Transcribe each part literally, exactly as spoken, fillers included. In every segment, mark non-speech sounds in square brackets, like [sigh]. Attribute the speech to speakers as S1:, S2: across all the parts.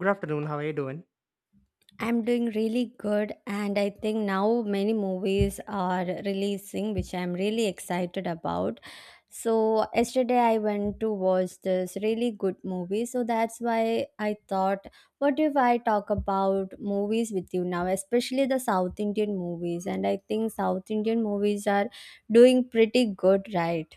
S1: Good afternoon. How are you doing?
S2: I'm doing really good, and I think now many movies are releasing, which I'm really excited about. So, yesterday I went to watch this really good movie, so that's why I thought, what if I talk about movies with you now, especially the South Indian movies? And I think South Indian movies are doing pretty good, right?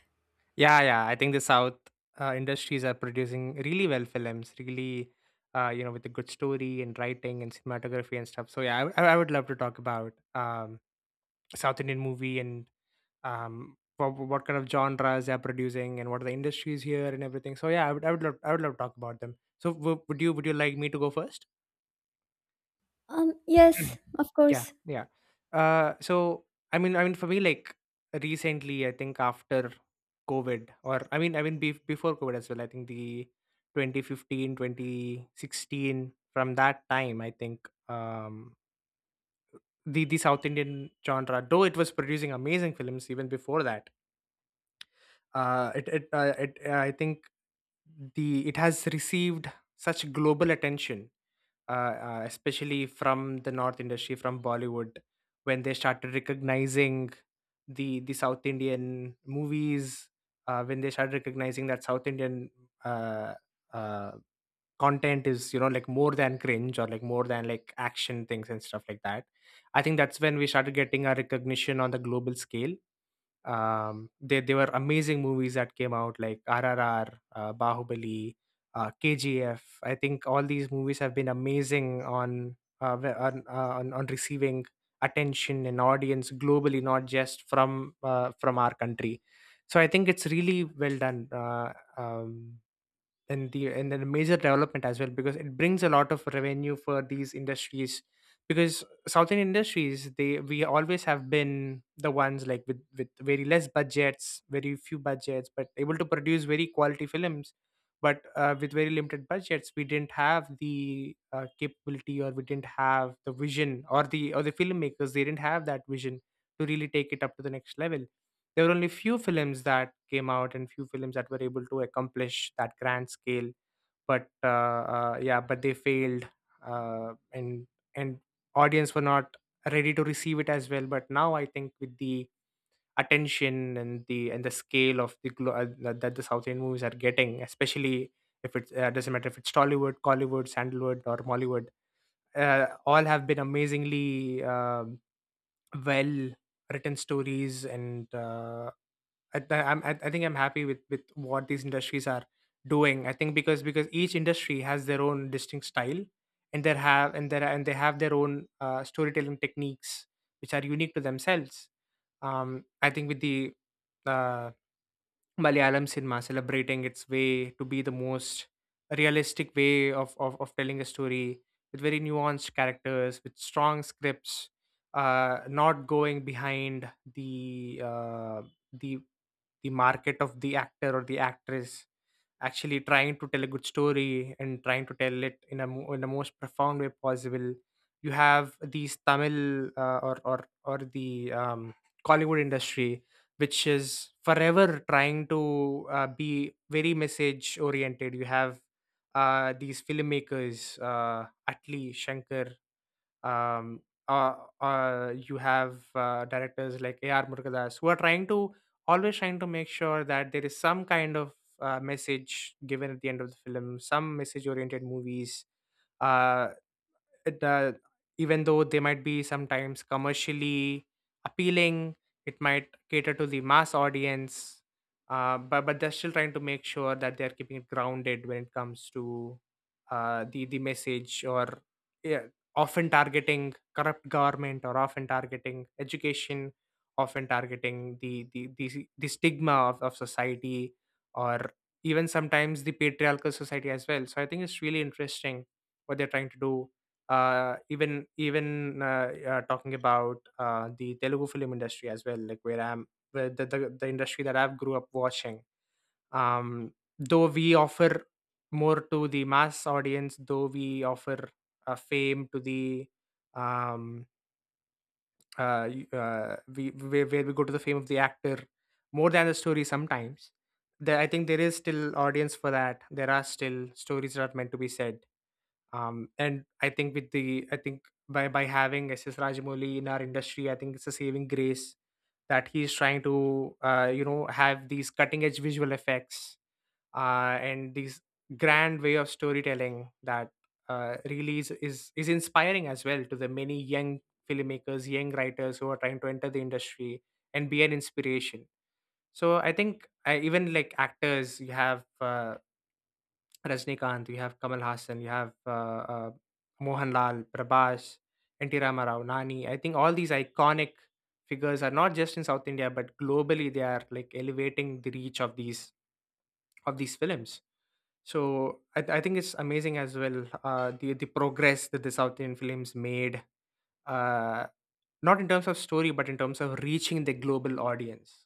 S1: Yeah, yeah. I think the South uh, industries are producing really well films, really, uh, you know, with a good story and writing and cinematography and stuff. So yeah, I, w- I would love to talk about um, South Indian movie and um, what, what kind of genres they're producing and what are the industries here and everything. So yeah, I would, I would love, I would love to talk about them. So w- would you, would you like me to go first?
S2: Um, yes,
S1: [clears throat]
S2: of
S1: Yeah,
S2: course.
S1: yeah. Uh, so I mean, I mean, for me, like recently, I think after COVID, or I mean, I mean, bef before COVID as well. I think the twenty fifteen, twenty sixteen, from that time, I think um, the the South Indian genre, though it was producing amazing films even before that, uh, it, it, uh, it uh, I think the it has received such global attention, uh, uh, especially from the North industry, from Bollywood, when they started recognizing the the South Indian movies, uh, when they started recognizing that South Indian uh, uh, content is, you know, like more than cringe or like more than like action things and stuff like that. I think that's when we started getting our recognition on the global scale. Um they they were amazing movies that came out, like RRR, uh, Bahubali, uh, KGF. I think all these movies have been amazing on uh, wh- on, uh, on on receiving attention and audience globally, not just from uh, from our country. So I think it's really well done. Uh, um, and the, and then a major development as well, because it brings a lot of revenue for these industries, because South Indian industries, they we always have been the ones, like, with with very less budgets, very few budgets, but able to produce very quality films. But uh, with very limited budgets, we didn't have the uh, capability, or we didn't have the vision, or the or the filmmakers, they didn't have that vision to really take it up to the next level. There were only few films that came out and few films that were able to accomplish that grand scale. But uh, uh, yeah, but they failed, uh, and and audience were not ready to receive it as well. But now I think with the attention and the and the scale of the glo- uh, that that the South Indian movies are getting, especially, if it uh, doesn't matter if it's Tollywood, Collywood, Sandalwood or Mollywood, uh, all have been amazingly um well written stories. And uh, I, th- I'm, I I think I'm happy with with what these industries are doing. I think because because each industry has their own distinct style, and they have, and there and they have their own uh, storytelling techniques which are unique to themselves. Um, I think with the uh, Malayalam cinema celebrating its way to be the most realistic way of, of, of telling a story, with very nuanced characters, with strong scripts, uh, not going behind the uh, the the market of the actor or the actress, actually trying to tell a good story and trying to tell it in a mo- in the most profound way possible. You have these Tamil uh, or or or the um, Hollywood industry which is forever trying to uh, be very message oriented. You have uh, these filmmakers, uh, Atli, Shankar, um, uh, uh, you have uh, directors like A R. Murkadas, who are trying to, always trying to make sure that there is some kind of uh, message given at the end of the film, some message oriented movies. Uh, it, uh, Even though they might be sometimes commercially appealing, it might cater to the mass audience, uh, but but they're still trying to make sure that they're keeping it grounded when it comes to uh, the the message, or yeah, often targeting corrupt government, or often targeting education, often targeting the the the, the stigma of, of society, or even sometimes the patriarchal society as well. So I think it's really interesting what they're trying to do. Uh even even uh, uh, Talking about uh, the Telugu film industry as well, like where I'm, where the, the the industry that I've grew up watching. Um, though we offer more to the mass audience, though we offer uh, fame to the um uh, y- uh we where, where we go to the fame of the actor more than the story sometimes. There, I think there is still audience for that. There are still stories that are meant to be said. Um, and I think with the I think by by having S S Rajamouli in our industry, I think it's a saving grace that he's trying to, uh, you know have these cutting edge visual effects uh, and these grand way of storytelling, that uh, really is, is is inspiring as well to the many young filmmakers, young writers who are trying to enter the industry and be an inspiration. So I think, uh, even like actors, you have uh, Rajnikant, you have Kamal Hassan, you have uh, uh, Mohanlal, Prabhas, N T. Rama Rao, Nani. I think all these iconic figures are not just in South India, but globally they are like elevating the reach of these, of these films. So I, I think it's amazing as well, uh, the the progress that the South Indian films made, uh, not in terms of story, but in terms of reaching the global audience.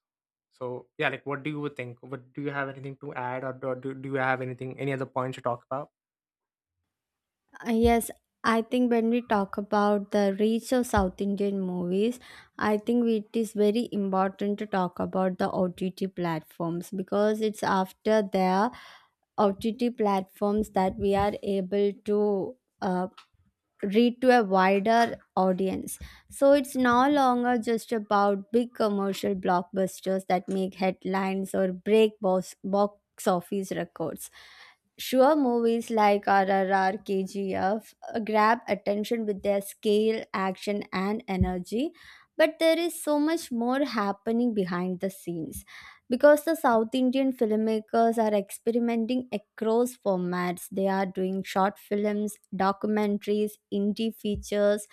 S1: So yeah, like, what do you think? What do you have anything to add, or do, do do you have anything, any other points to talk about?
S2: Uh, Yes, I think when we talk about the reach of South Indian movies, I think it is very important to talk about the O T T platforms because it's after their O T T platforms that we are able to uh, reach to a wider audience. So it's no longer just about big commercial blockbusters that make headlines or break box, box office records. Sure, movies like R R R, K G F uh, grab attention with their scale, action, and energy, but there is so much more happening behind the scenes because the South Indian filmmakers are experimenting across formats. They are doing short films, documentaries, indie features,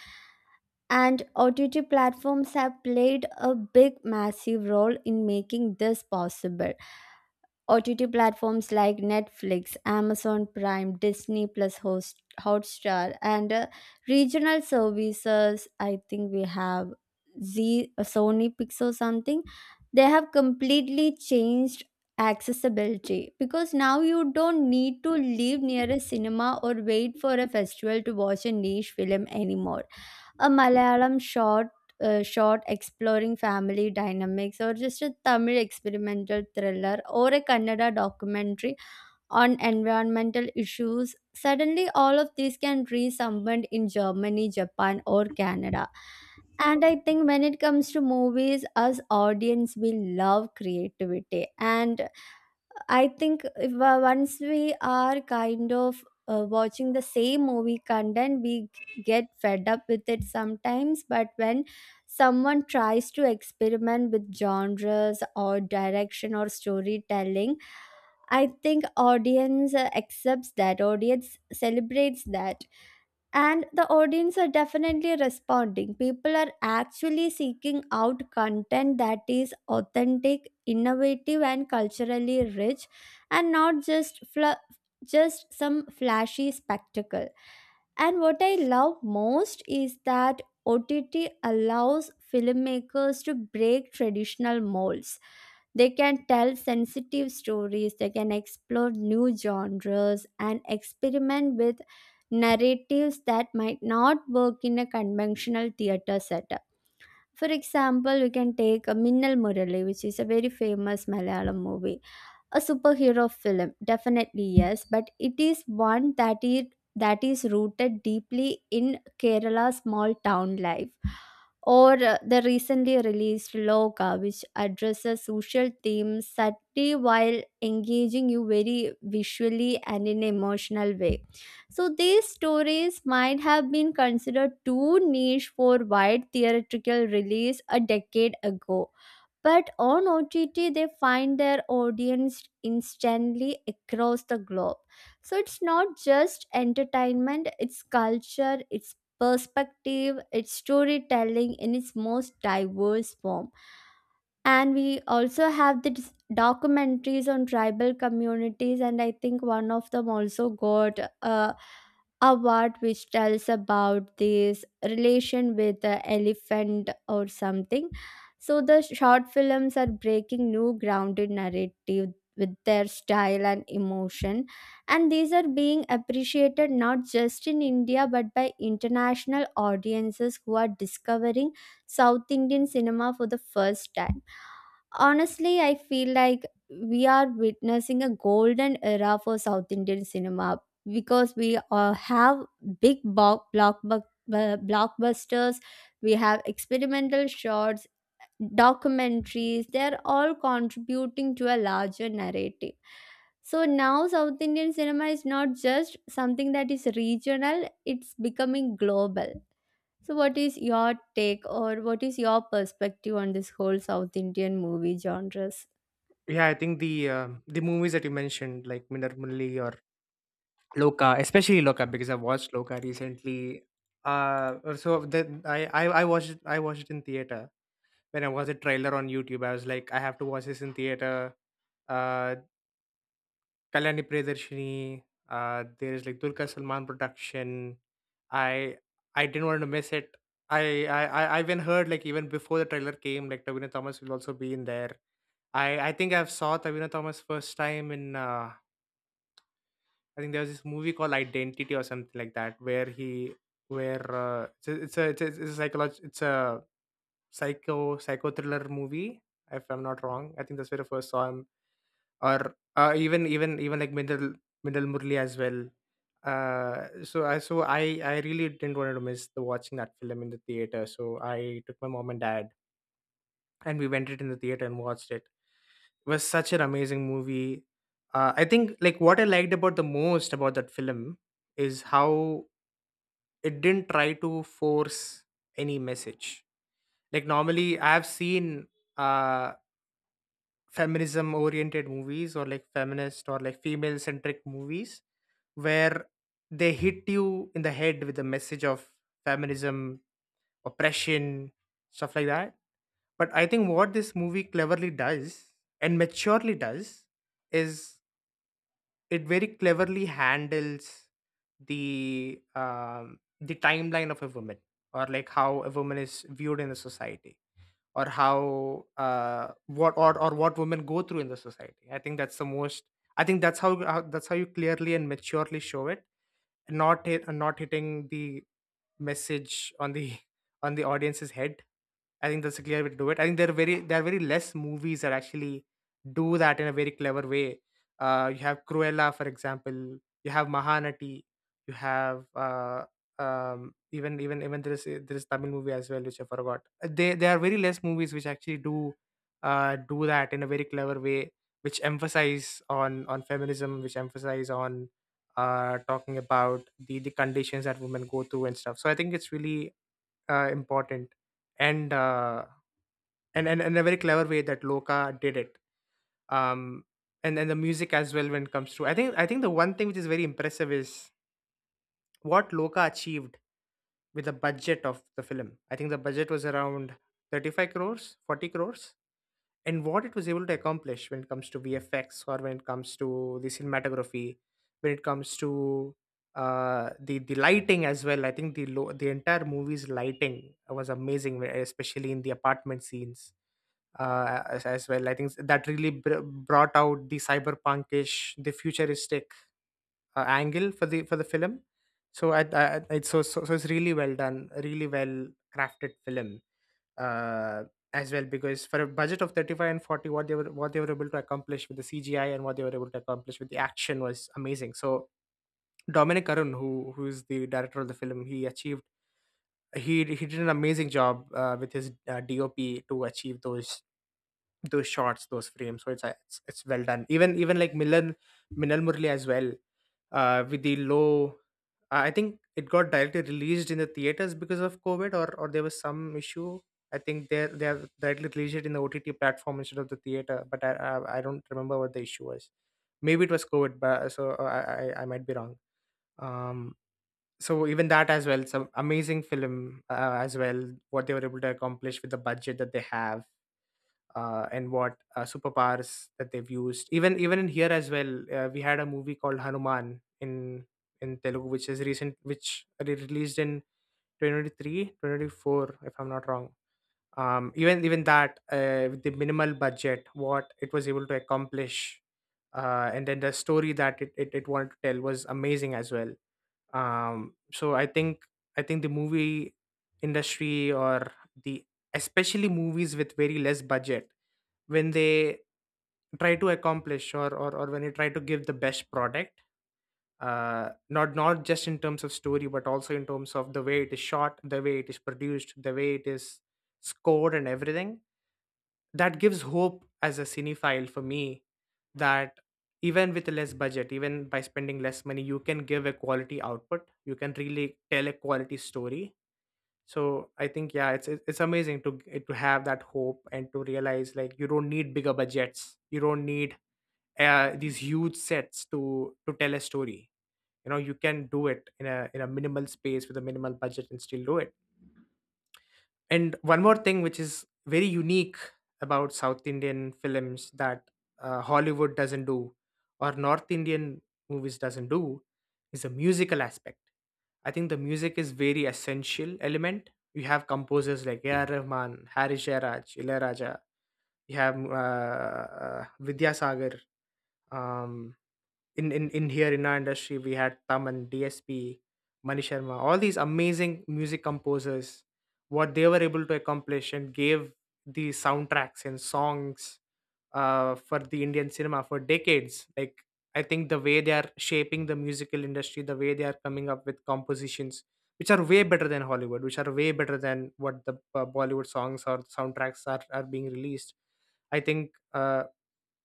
S2: and O T T platforms have played a big, massive role in making this possible. O T T platforms like Netflix, Amazon Prime, Disney Plus, Host, Hotstar, and uh, regional services. I think we have Z, uh, Sony Pixel something. They have completely changed accessibility, because now you don't need to live near a cinema or wait for a festival to watch a niche film anymore. A Malayalam short, uh, short exploring family dynamics, or just a Tamil experimental thriller, or a Kannada documentary on environmental issues. Suddenly, all of these can reach someone in Germany, Japan, or Canada. And I think when it comes to movies, us audience, we love creativity. And I think if, uh, once we are kind of uh, watching the same movie content, we get fed up with it sometimes. But when someone tries to experiment with genres or direction or storytelling, I think audience uh, accepts that, audience celebrates that. And the audience are definitely responding. People are actually seeking out content that is authentic, innovative and culturally rich, and not just fl- just some flashy spectacle. And what I love most is that O T T allows filmmakers to break traditional molds. They can tell sensitive stories, they can explore new genres, and experiment with narratives that might not work in a conventional theatre setup. For example, we can take a Minnal Murali, which is a very famous Malayalam movie, a superhero film, definitely yes, but it is one that is that is rooted deeply in Kerala's small town life, or uh, the recently released Loka, which addresses social themes subtly while engaging you very visually and in emotional way. So these stories might have been considered too niche for wide theatrical release a decade ago, but on O T T, they find their audience instantly across the globe. So it's not just entertainment, it's culture, it's perspective, it's storytelling in its most diverse form. And we also have these documentaries on tribal communities, and I think one of them also got a award which tells about this relation with the elephant or something. So the short films are breaking new ground in narrative with their style and emotion, and these are being appreciated not just in India but by international audiences who are discovering South Indian cinema for the first time. Honestly, I feel like we are witnessing a golden era for South Indian cinema because we uh, have big bo- blockbu- uh, blockbusters, we have experimental shots, documentaries, they're all contributing to a larger narrative. So now South Indian cinema is not just something that is regional, it's becoming global. So what is your take, or what is your perspective on this whole South Indian movie genres?
S1: Yeah, I think the um the movies that you mentioned, like Minarmulli or Loka, especially Loka, because I watched Loka recently. Uh, or so that I, I I watched it- I watched it in theater when I was a trailer on YouTube. I was like, I have to watch this in theater. Uh, Kalyani Priyadarshini, uh, there's like Dulquer Salman production. I I didn't want to miss it. I I I I even heard, like even before the trailer came, like Tavina Thomas will also be in there. I I think I've saw Tavina Thomas first time in uh, I think there was this movie called Identity or something like that, where he, where uh, it's a it's a it's a, it's a psychological, it's a psycho psycho thriller movie, if I'm not wrong. I think that's where I first saw him. Or uh, even even even like Mindal Mindal Murli as well. Uh, so I so I I really didn't want to miss the watching that film in the theater. So I took my mom and dad and we went it in the theater and watched it. It was such an amazing movie. Uh, I think, like, what I liked about the most about that film is how it didn't try to force any message. Like normally, I've seen uh, feminism oriented movies or like feminist or like female centric movies where they hit you in the head with the message of feminism, oppression, stuff like that. But I think what this movie cleverly does and maturely does is it very cleverly handles the um, the timeline of a woman, or like how a woman is viewed in the society, or how uh, what or, or what women go through in the society. I think that's the most, I think that's how, how that's how you clearly and maturely show it, not hit, uh, not hitting the message on the [laughs] on the audience's head. I think that's a clear way to do it. I think there are very there are very less movies that actually do that in a very clever way. Uh, you have Cruella, for example. You have Mahanati. You have uh, um, even even even there is, there is Tamil movie as well, which I forgot. Uh, They, there are very less movies which actually do uh, do that in a very clever way, which emphasize on on feminism, which emphasize on uh, talking about the the conditions that women go through and stuff. So I think it's really uh, important, and uh, and and and a very clever way that Loka did it. Um, and and the music as well when it comes to. I think I think the one thing which is very impressive is what Loka achieved with the budget of the film. I think the budget was around thirty-five crores, forty crores, and what it was able to accomplish when it comes to V F X, or when it comes to the cinematography, when it comes to uh, the the lighting as well. I think the lo- the entire movie's lighting was amazing, wh- especially in the apartment scenes uh, as, as well. I think that really br- brought out the cyberpunkish, the futuristic uh, angle for the for the film. So I, I I- it's so, so so it's really well done, a really well crafted film uh as well, because for a budget of thirty-five and forty, what they were, what they were able to accomplish with the cgi and what they were able to accomplish with the action was amazing. So Dominic Arun, who who is the director of the film, he achieved, he he did an amazing job uh, with his uh, dop to achieve those those shots, those frames. So it's uh, it's, it's well done. Even even like Milan, Minal Murli as well, uh, with the low. I I think it got directly released in the theaters because of COVID, or or there was some issue. I think they they have directly released it in the O T T platform instead of the theater. But I I, I don't remember what the issue was. Maybe it was COVID, but so uh, I I, I might be wrong. Um, so even that as well, some amazing film uh, as well. What they were able to accomplish with the budget that they have, uh, and what uh, superpowers that they've used. Even even in here as well, uh, we had a movie called Hanuman in in Telugu, which is recent, which re- released in twenty twenty-three, if I'm not wrong. Um, even even that, uh, with the minimal budget, what it was able to accomplish, uh, and then the story that it, it, it wanted to tell was amazing as well. Um so i think i think the movie industry, or the, especially movies with very less budget, when they try to accomplish, or or, or when they try to give the best product, uh not not just in terms of story but also in terms of the way it is shot, the way it is produced, the way it is scored, and everything, that gives hope as a cinephile for me, that even with less budget, even by spending less money, you can give a quality output, you can really tell a quality story. So I think, yeah, it's it- it's amazing to g- to have that hope and to realize, like, you don't need bigger budgets, you don't need uh, these huge sets to to tell a story. You know, you can do it in a in a minimal space with a minimal budget and still do it. And one more thing, which is very unique about South Indian films, that uh, Hollywood doesn't do, or North Indian movies doesn't do, is the musical aspect. I think the music is very essential element. You have composers like A R. Rahman, Hari Jairaj, Ilaiyaraaja. You have uh, Vidyasagar, um, in in in here in our industry we had Taman, D S P, Mani Sharma, all these amazing music composers, what they were able to accomplish, and gave the soundtracks and songs uh, for the Indian cinema for decades. Like, I think the way they are shaping the musical industry, the way they are coming up with compositions, which are way better than Hollywood, which are way better than what the uh, Bollywood songs or soundtracks are are being released. I think uh,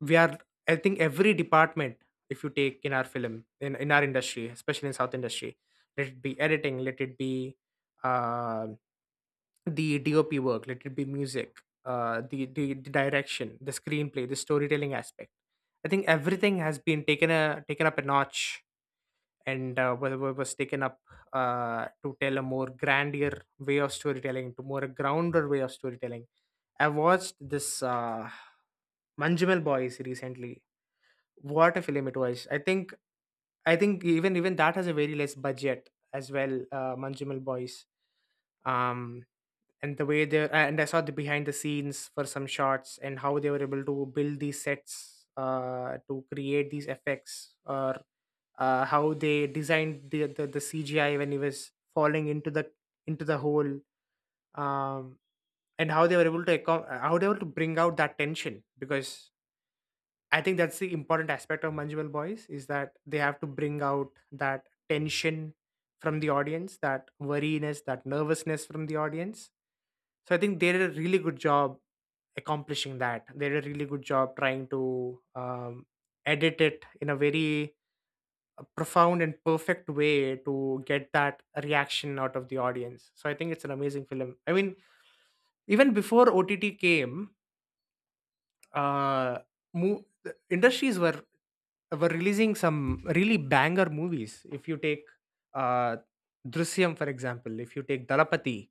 S1: we are i think every department, if you take in our film in, in our industry, especially in south industry, let it be editing, let it be, uh, the dop work, let it be music, uh, the, the the direction, the screenplay, the storytelling aspect, I think everything has been taken a taken up a notch, and uh, wa- wa- was taken up uh, to tell a more grander way of storytelling, to more a grounder way of storytelling. I watched this uh, Manjimal Boys recently. What a film it was. I think I think even even that has a very less budget as well, uh, Manjumal Boys. Um, and the way they, and I saw the behind the scenes for some shots and how they were able to build these sets uh to create these effects, or uh how they designed the the, the C G I when he was falling into the into the hole. Um and how they were able to accom- uh, how they were able to bring out that tension, because I think that's the important aspect of Manjimal Boys, is that they have to bring out that tension from the audience, that worriness, that nervousness from the audience. So I think they did a really good job accomplishing that. They did a really good job trying to um, edit it in a very uh, profound and perfect way to get that reaction out of the audience. So I think it's an amazing film. I mean, even before O T T came, uh, mo- the industries were were releasing some really banger movies. If you take uh, Drishyam, for example, if you take Dalapati,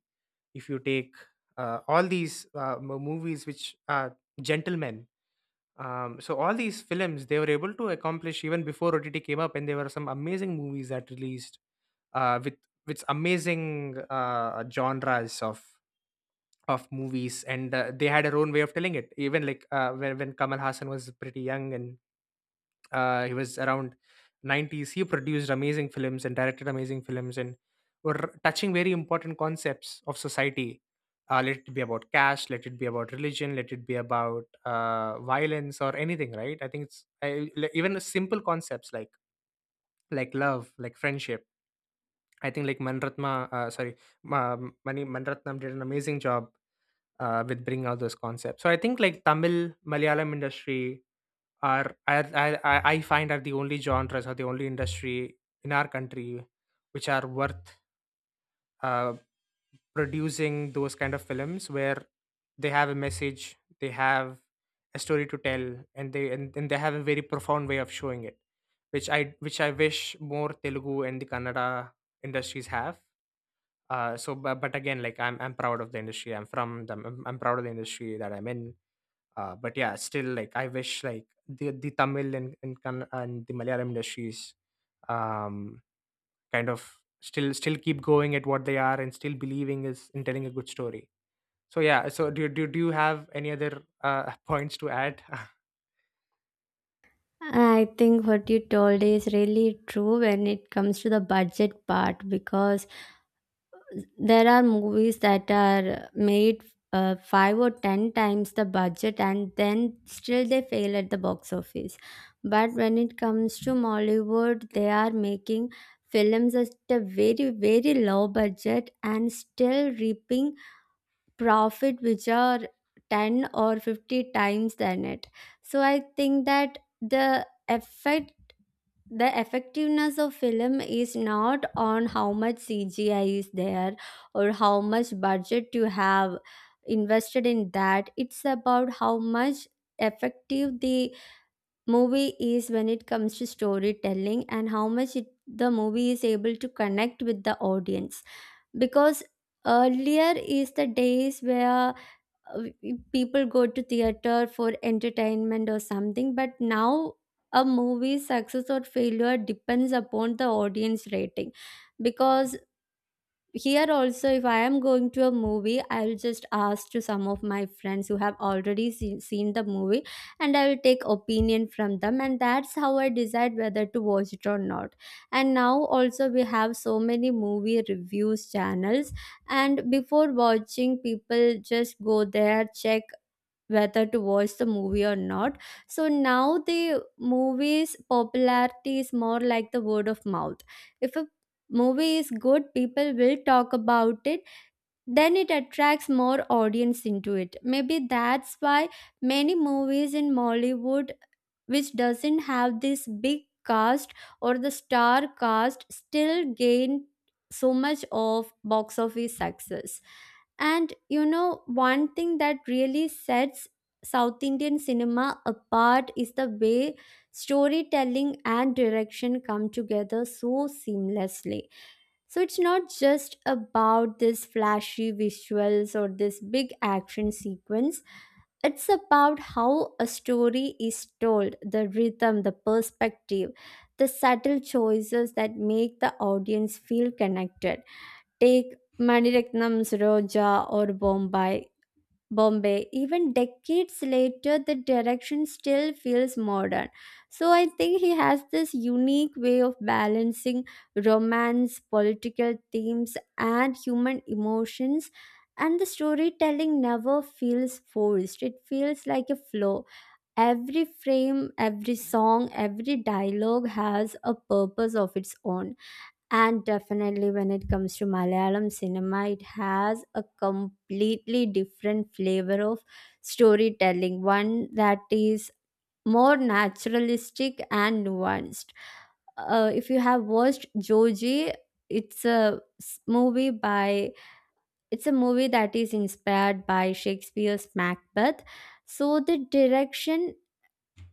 S1: if you take uh, all these uh, mo- movies, which are gentlemen. Um, so all these films they were able to accomplish even before O T T came up, and there were some amazing movies that released uh, with with amazing uh, genres of of movies, and uh, they had their own way of telling it. Even like uh, when when Kamal Hassan was pretty young, and uh, he was around nineties, he produced amazing films and directed amazing films, and were touching very important concepts of society, uh, let it be about cash, let it be about religion, let it be about uh, violence, or anything, right? I think it's, I, li- even simple concepts like like love, like friendship. I think like manratma uh, sorry Ma- mani manratnam did an amazing job uh, with bringing out those concepts. So I think, like, Tamil, Malayalam industry are, I, I I I find, are the only genres or the only industry in our country, which are worth uh, producing those kind of films, where they have a message, they have a story to tell, and they, and, and they have a very profound way of showing it, which I which I wish more Telugu and the Kannada industries have. Uh, so, but, but again, like, I'm, I'm proud of the industry I'm from them. I'm, I'm proud of the industry that I'm in, uh, but yeah, still, like, I wish, like, the the Tamil and and, Kan- and the Malayalam industries um kind of still still keep going at what they are, and still believing is in telling a good story. So yeah, so do, do, do you have any other uh, [laughs] points to add?
S2: I think what you told is really true when it comes to the budget part, because there are movies that are made uh, five or ten times the budget, and then still they fail at the box office. But when it comes to Mollywood, they are making films at a very, very low budget and still reaping profit which are ten or fifty times than it. So I think that the effect the effectiveness of film is not on how much C G I is there or how much budget you have invested in that. It's about how much effective the movie is when it comes to storytelling, and how much it, the movie is able to connect with the audience. Because earlier is the days where uh, people go to theater for entertainment or something, but now a movie's success or failure depends upon the audience rating. Because here also, if I am going to a movie, I'll just ask to some of my friends who have already seen, seen the movie, and I will take opinion from them, and that's how I decide whether to watch it or not. And now also we have so many movie reviews channels, and before watching, people just go there, check whether to watch the movie or not. So now the movie's popularity is more like the word of mouth. If a movie is good, people will talk about it, then it attracts more audience into it. Maybe that's why many movies in Mollywood which doesn't have this big cast or the star cast still gain so much of box office success. And you know, one thing that really sets South Indian cinema apart is the way storytelling and direction come together so seamlessly. So it's not just about this flashy visuals or this big action sequence. It's about how a story is told, the rhythm, the perspective, the subtle choices that make the audience feel connected. Take Maniratnam's Roja or Bombay Bombay. Even decades later, the direction still feels modern. So I think he has this unique way of balancing romance, political themes, and human emotions. And the storytelling never feels forced. It feels like a flow. Every frame, every song, every dialogue has a purpose of its own. And definitely, when it comes to Malayalam cinema, it has a completely different flavor of storytelling, one that is more naturalistic and nuanced. Uh, if you have watched Joji, it's a s- movie by it's a movie that is inspired by Shakespeare's Macbeth. So the direction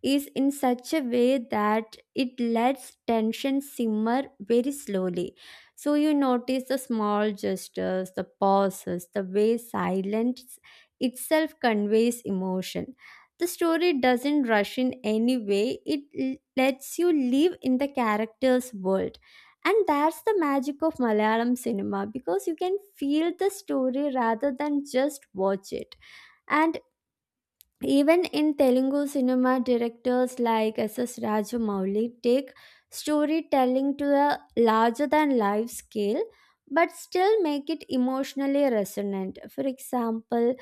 S2: is in such a way that it lets tension simmer very slowly. So you notice the small gestures, the pauses, the way silence itself conveys emotion. The story doesn't rush in any way, it l- lets you live in the character's world. And that's the magic of Malayalam cinema, because you can feel the story rather than just watch it. And even in Telugu cinema, directors like S. S. Rajamouli take storytelling to a larger than life scale but still make it emotionally resonant. For example,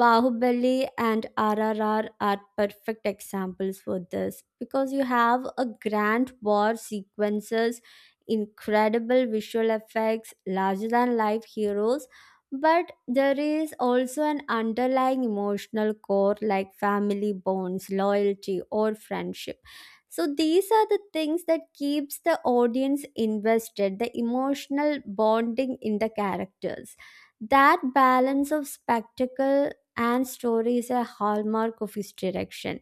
S2: Bahubali and R R R are perfect examples for this, because you have a grand war sequences, incredible visual effects, larger than life heroes, but there is also an underlying emotional core like family bonds, loyalty or friendship. So these are the things that keeps the audience invested, the emotional bonding in the characters, that balance of spectacle and story is a hallmark of his direction.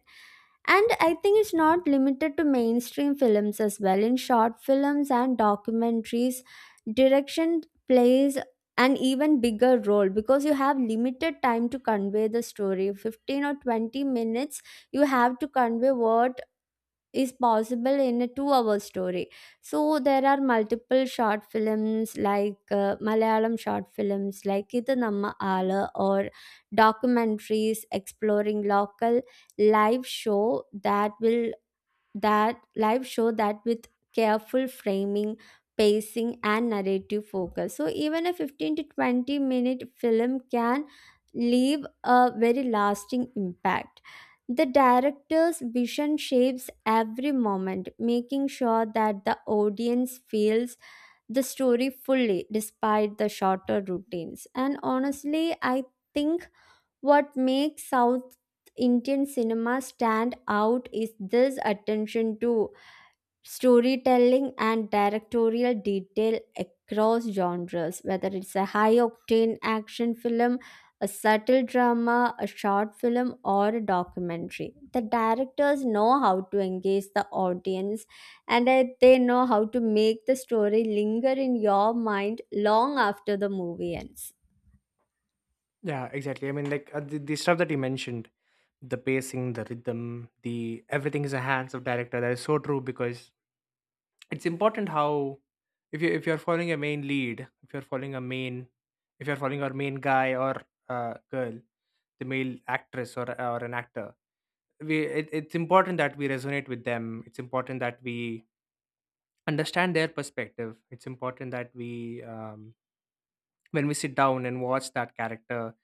S2: And I think it's not limited to mainstream films as well. In short films and documentaries, direction plays an even bigger role, because you have limited time to convey the story, fifteen or twenty minutes you have to convey what is possible in a two hour story. So there are multiple short films like uh, Malayalam short films like Idu Namma Aala, or documentaries exploring local live show that will that live show, that with careful framing, pacing and narrative focus, so even a fifteen to twenty minute film can leave a very lasting impact. The director's vision shapes every moment, making sure that the audience feels the story fully despite the shorter routines. And honestly, I think what makes South Indian cinema stand out is this attention to storytelling and directorial detail across genres, whether it's a high octane action film, a subtle drama, a short film, or a documentary. The directors know how to engage the audience, and that they know how to make the story linger in your mind long after the movie ends.
S1: [laughs] Yeah, exactly. I mean, like, uh, the, the stuff that you mentioned, the pacing, the rhythm, the, everything is a hands of director, that is so true. Because it's important how, if you if you're following a main lead, if you're following a main, if you're following our main guy, or uh, girl, the male actress, or or an actor, we, it, it's important that we resonate with them, it's important that we understand their perspective, it's important that we, um, when we sit down and watch that character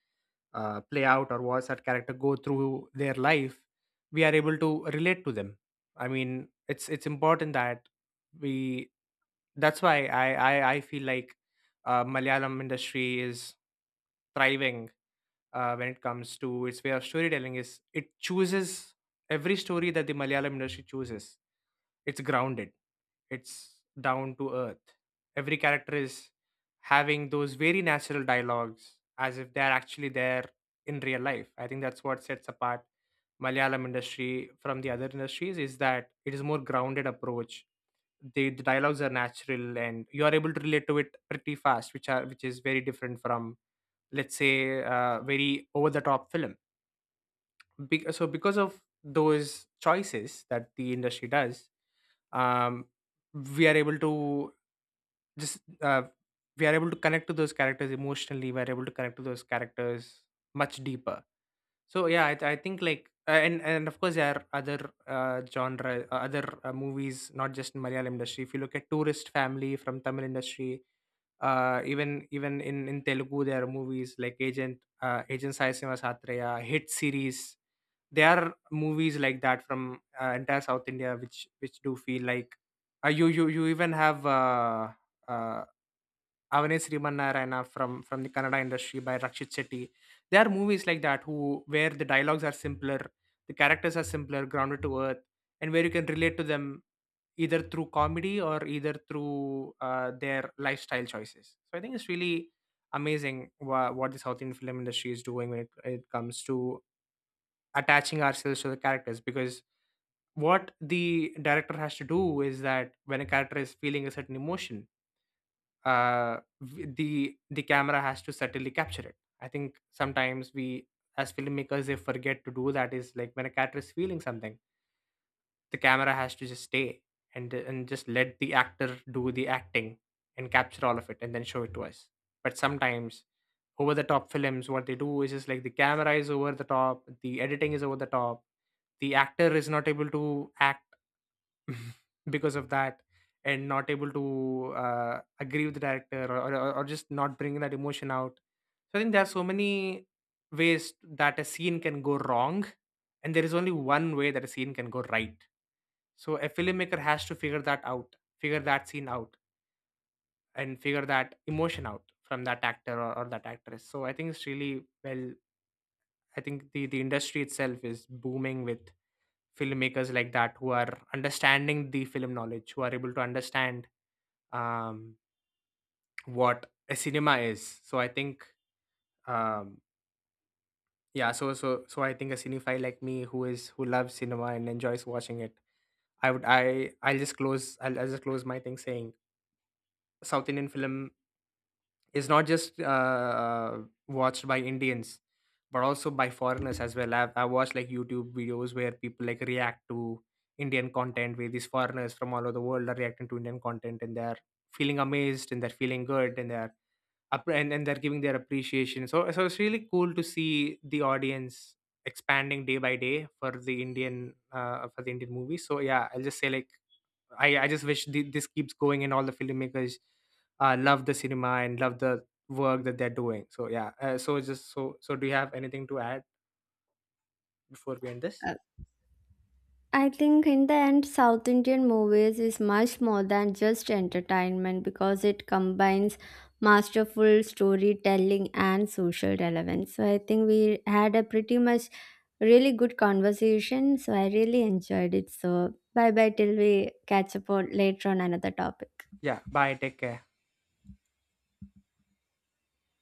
S1: uh, play out, or watch that character go through their life, we are able to relate to them. I mean, it's it's important that we, that's why I I I feel like uh, Malayalam industry is thriving uh, when it comes to its way of storytelling. Is it chooses, every story that the Malayalam industry chooses, it's grounded. It's down to earth. Every character is having those very natural dialogues as if they're actually there in real life. I think that's what sets apart Malayalam industry from the other industries, is that it is more grounded approach, the, the dialogues are natural, and you are able to relate to it pretty fast, which are, which is very different from, let's say, uh, very over the top film. Be- so because of those choices that the industry does, um, we are able to just, uh, we are able to connect to those characters emotionally, we are able to connect to those characters much deeper. So yeah, I, I think like, uh, and and of course there are other uh, genre uh, other uh, movies, not just in Malayalam industry. If you look at Tourist Family from Tamil industry, uh, even even in in Telugu there are movies like Agent uh, Agent Sai Satreya, Hit series. There are movies like that from uh, entire South India, which which do feel like, uh, you you you even have uh, uh, Avane Srimanarayana from from the Kannada industry by Rakshit Shetty. There are movies like that, who, where the dialogues are simpler, the characters are simpler, grounded to earth, and where you can relate to them either through comedy or either through uh, their lifestyle choices. So I think it's really amazing, wha- what the South Indian film industry is doing when it, it comes to attaching ourselves to the characters, because what the director has to do is that when a character is feeling a certain emotion, uh, w- the the camera has to subtly capture it. I think sometimes we as filmmakers they forget to do that. Is like, when a character is feeling something, the camera has to just stay and and just let the actor do the acting and capture all of it and then show it to us. But sometimes over the top films, what they do is just like the camera is over the top, the editing is over the top, the actor is not able to act [laughs] because of that, and not able to uh, agree with the director, or, or, or just not bringing that emotion out. So I think there are so many ways that a scene can go wrong, and there is only one way that a scene can go right. So a filmmaker has to figure that out, figure that scene out, and figure that emotion out from that actor, or, or that actress. So I think it's really well, I think the, the industry itself is booming with filmmakers like that, who are understanding the film knowledge, who are able to understand, um, what a cinema is. So I think, um, yeah, so so so I think, a cinephile like me, who is, who loves cinema and enjoys watching it, I would, I I'll just close I'll, I'll just close my thing saying South Indian film is not just, uh, uh, watched by Indians, but also by foreigners as well. I've, I've watched like YouTube videos where people like react to Indian content, where these foreigners from all over the world are reacting to Indian content, and they're feeling amazed, and they're feeling good, and they're up, and, and they're giving their appreciation. So, so it's really cool to see the audience expanding day by day for the Indian uh, for the Indian movies. So yeah, I'll just say like, I, I just wish th- this keeps going, and all the filmmakers uh, love the cinema and love the work that they're doing. So yeah, uh, so just so so do you have anything to add before we end this?
S2: I think in the end, South Indian movies is much more than just entertainment because it combines masterful storytelling and social relevance. So I think we had a pretty much really good conversation. So I really enjoyed it. So bye bye, till we catch up on later on another topic.
S1: Yeah, bye. Take care.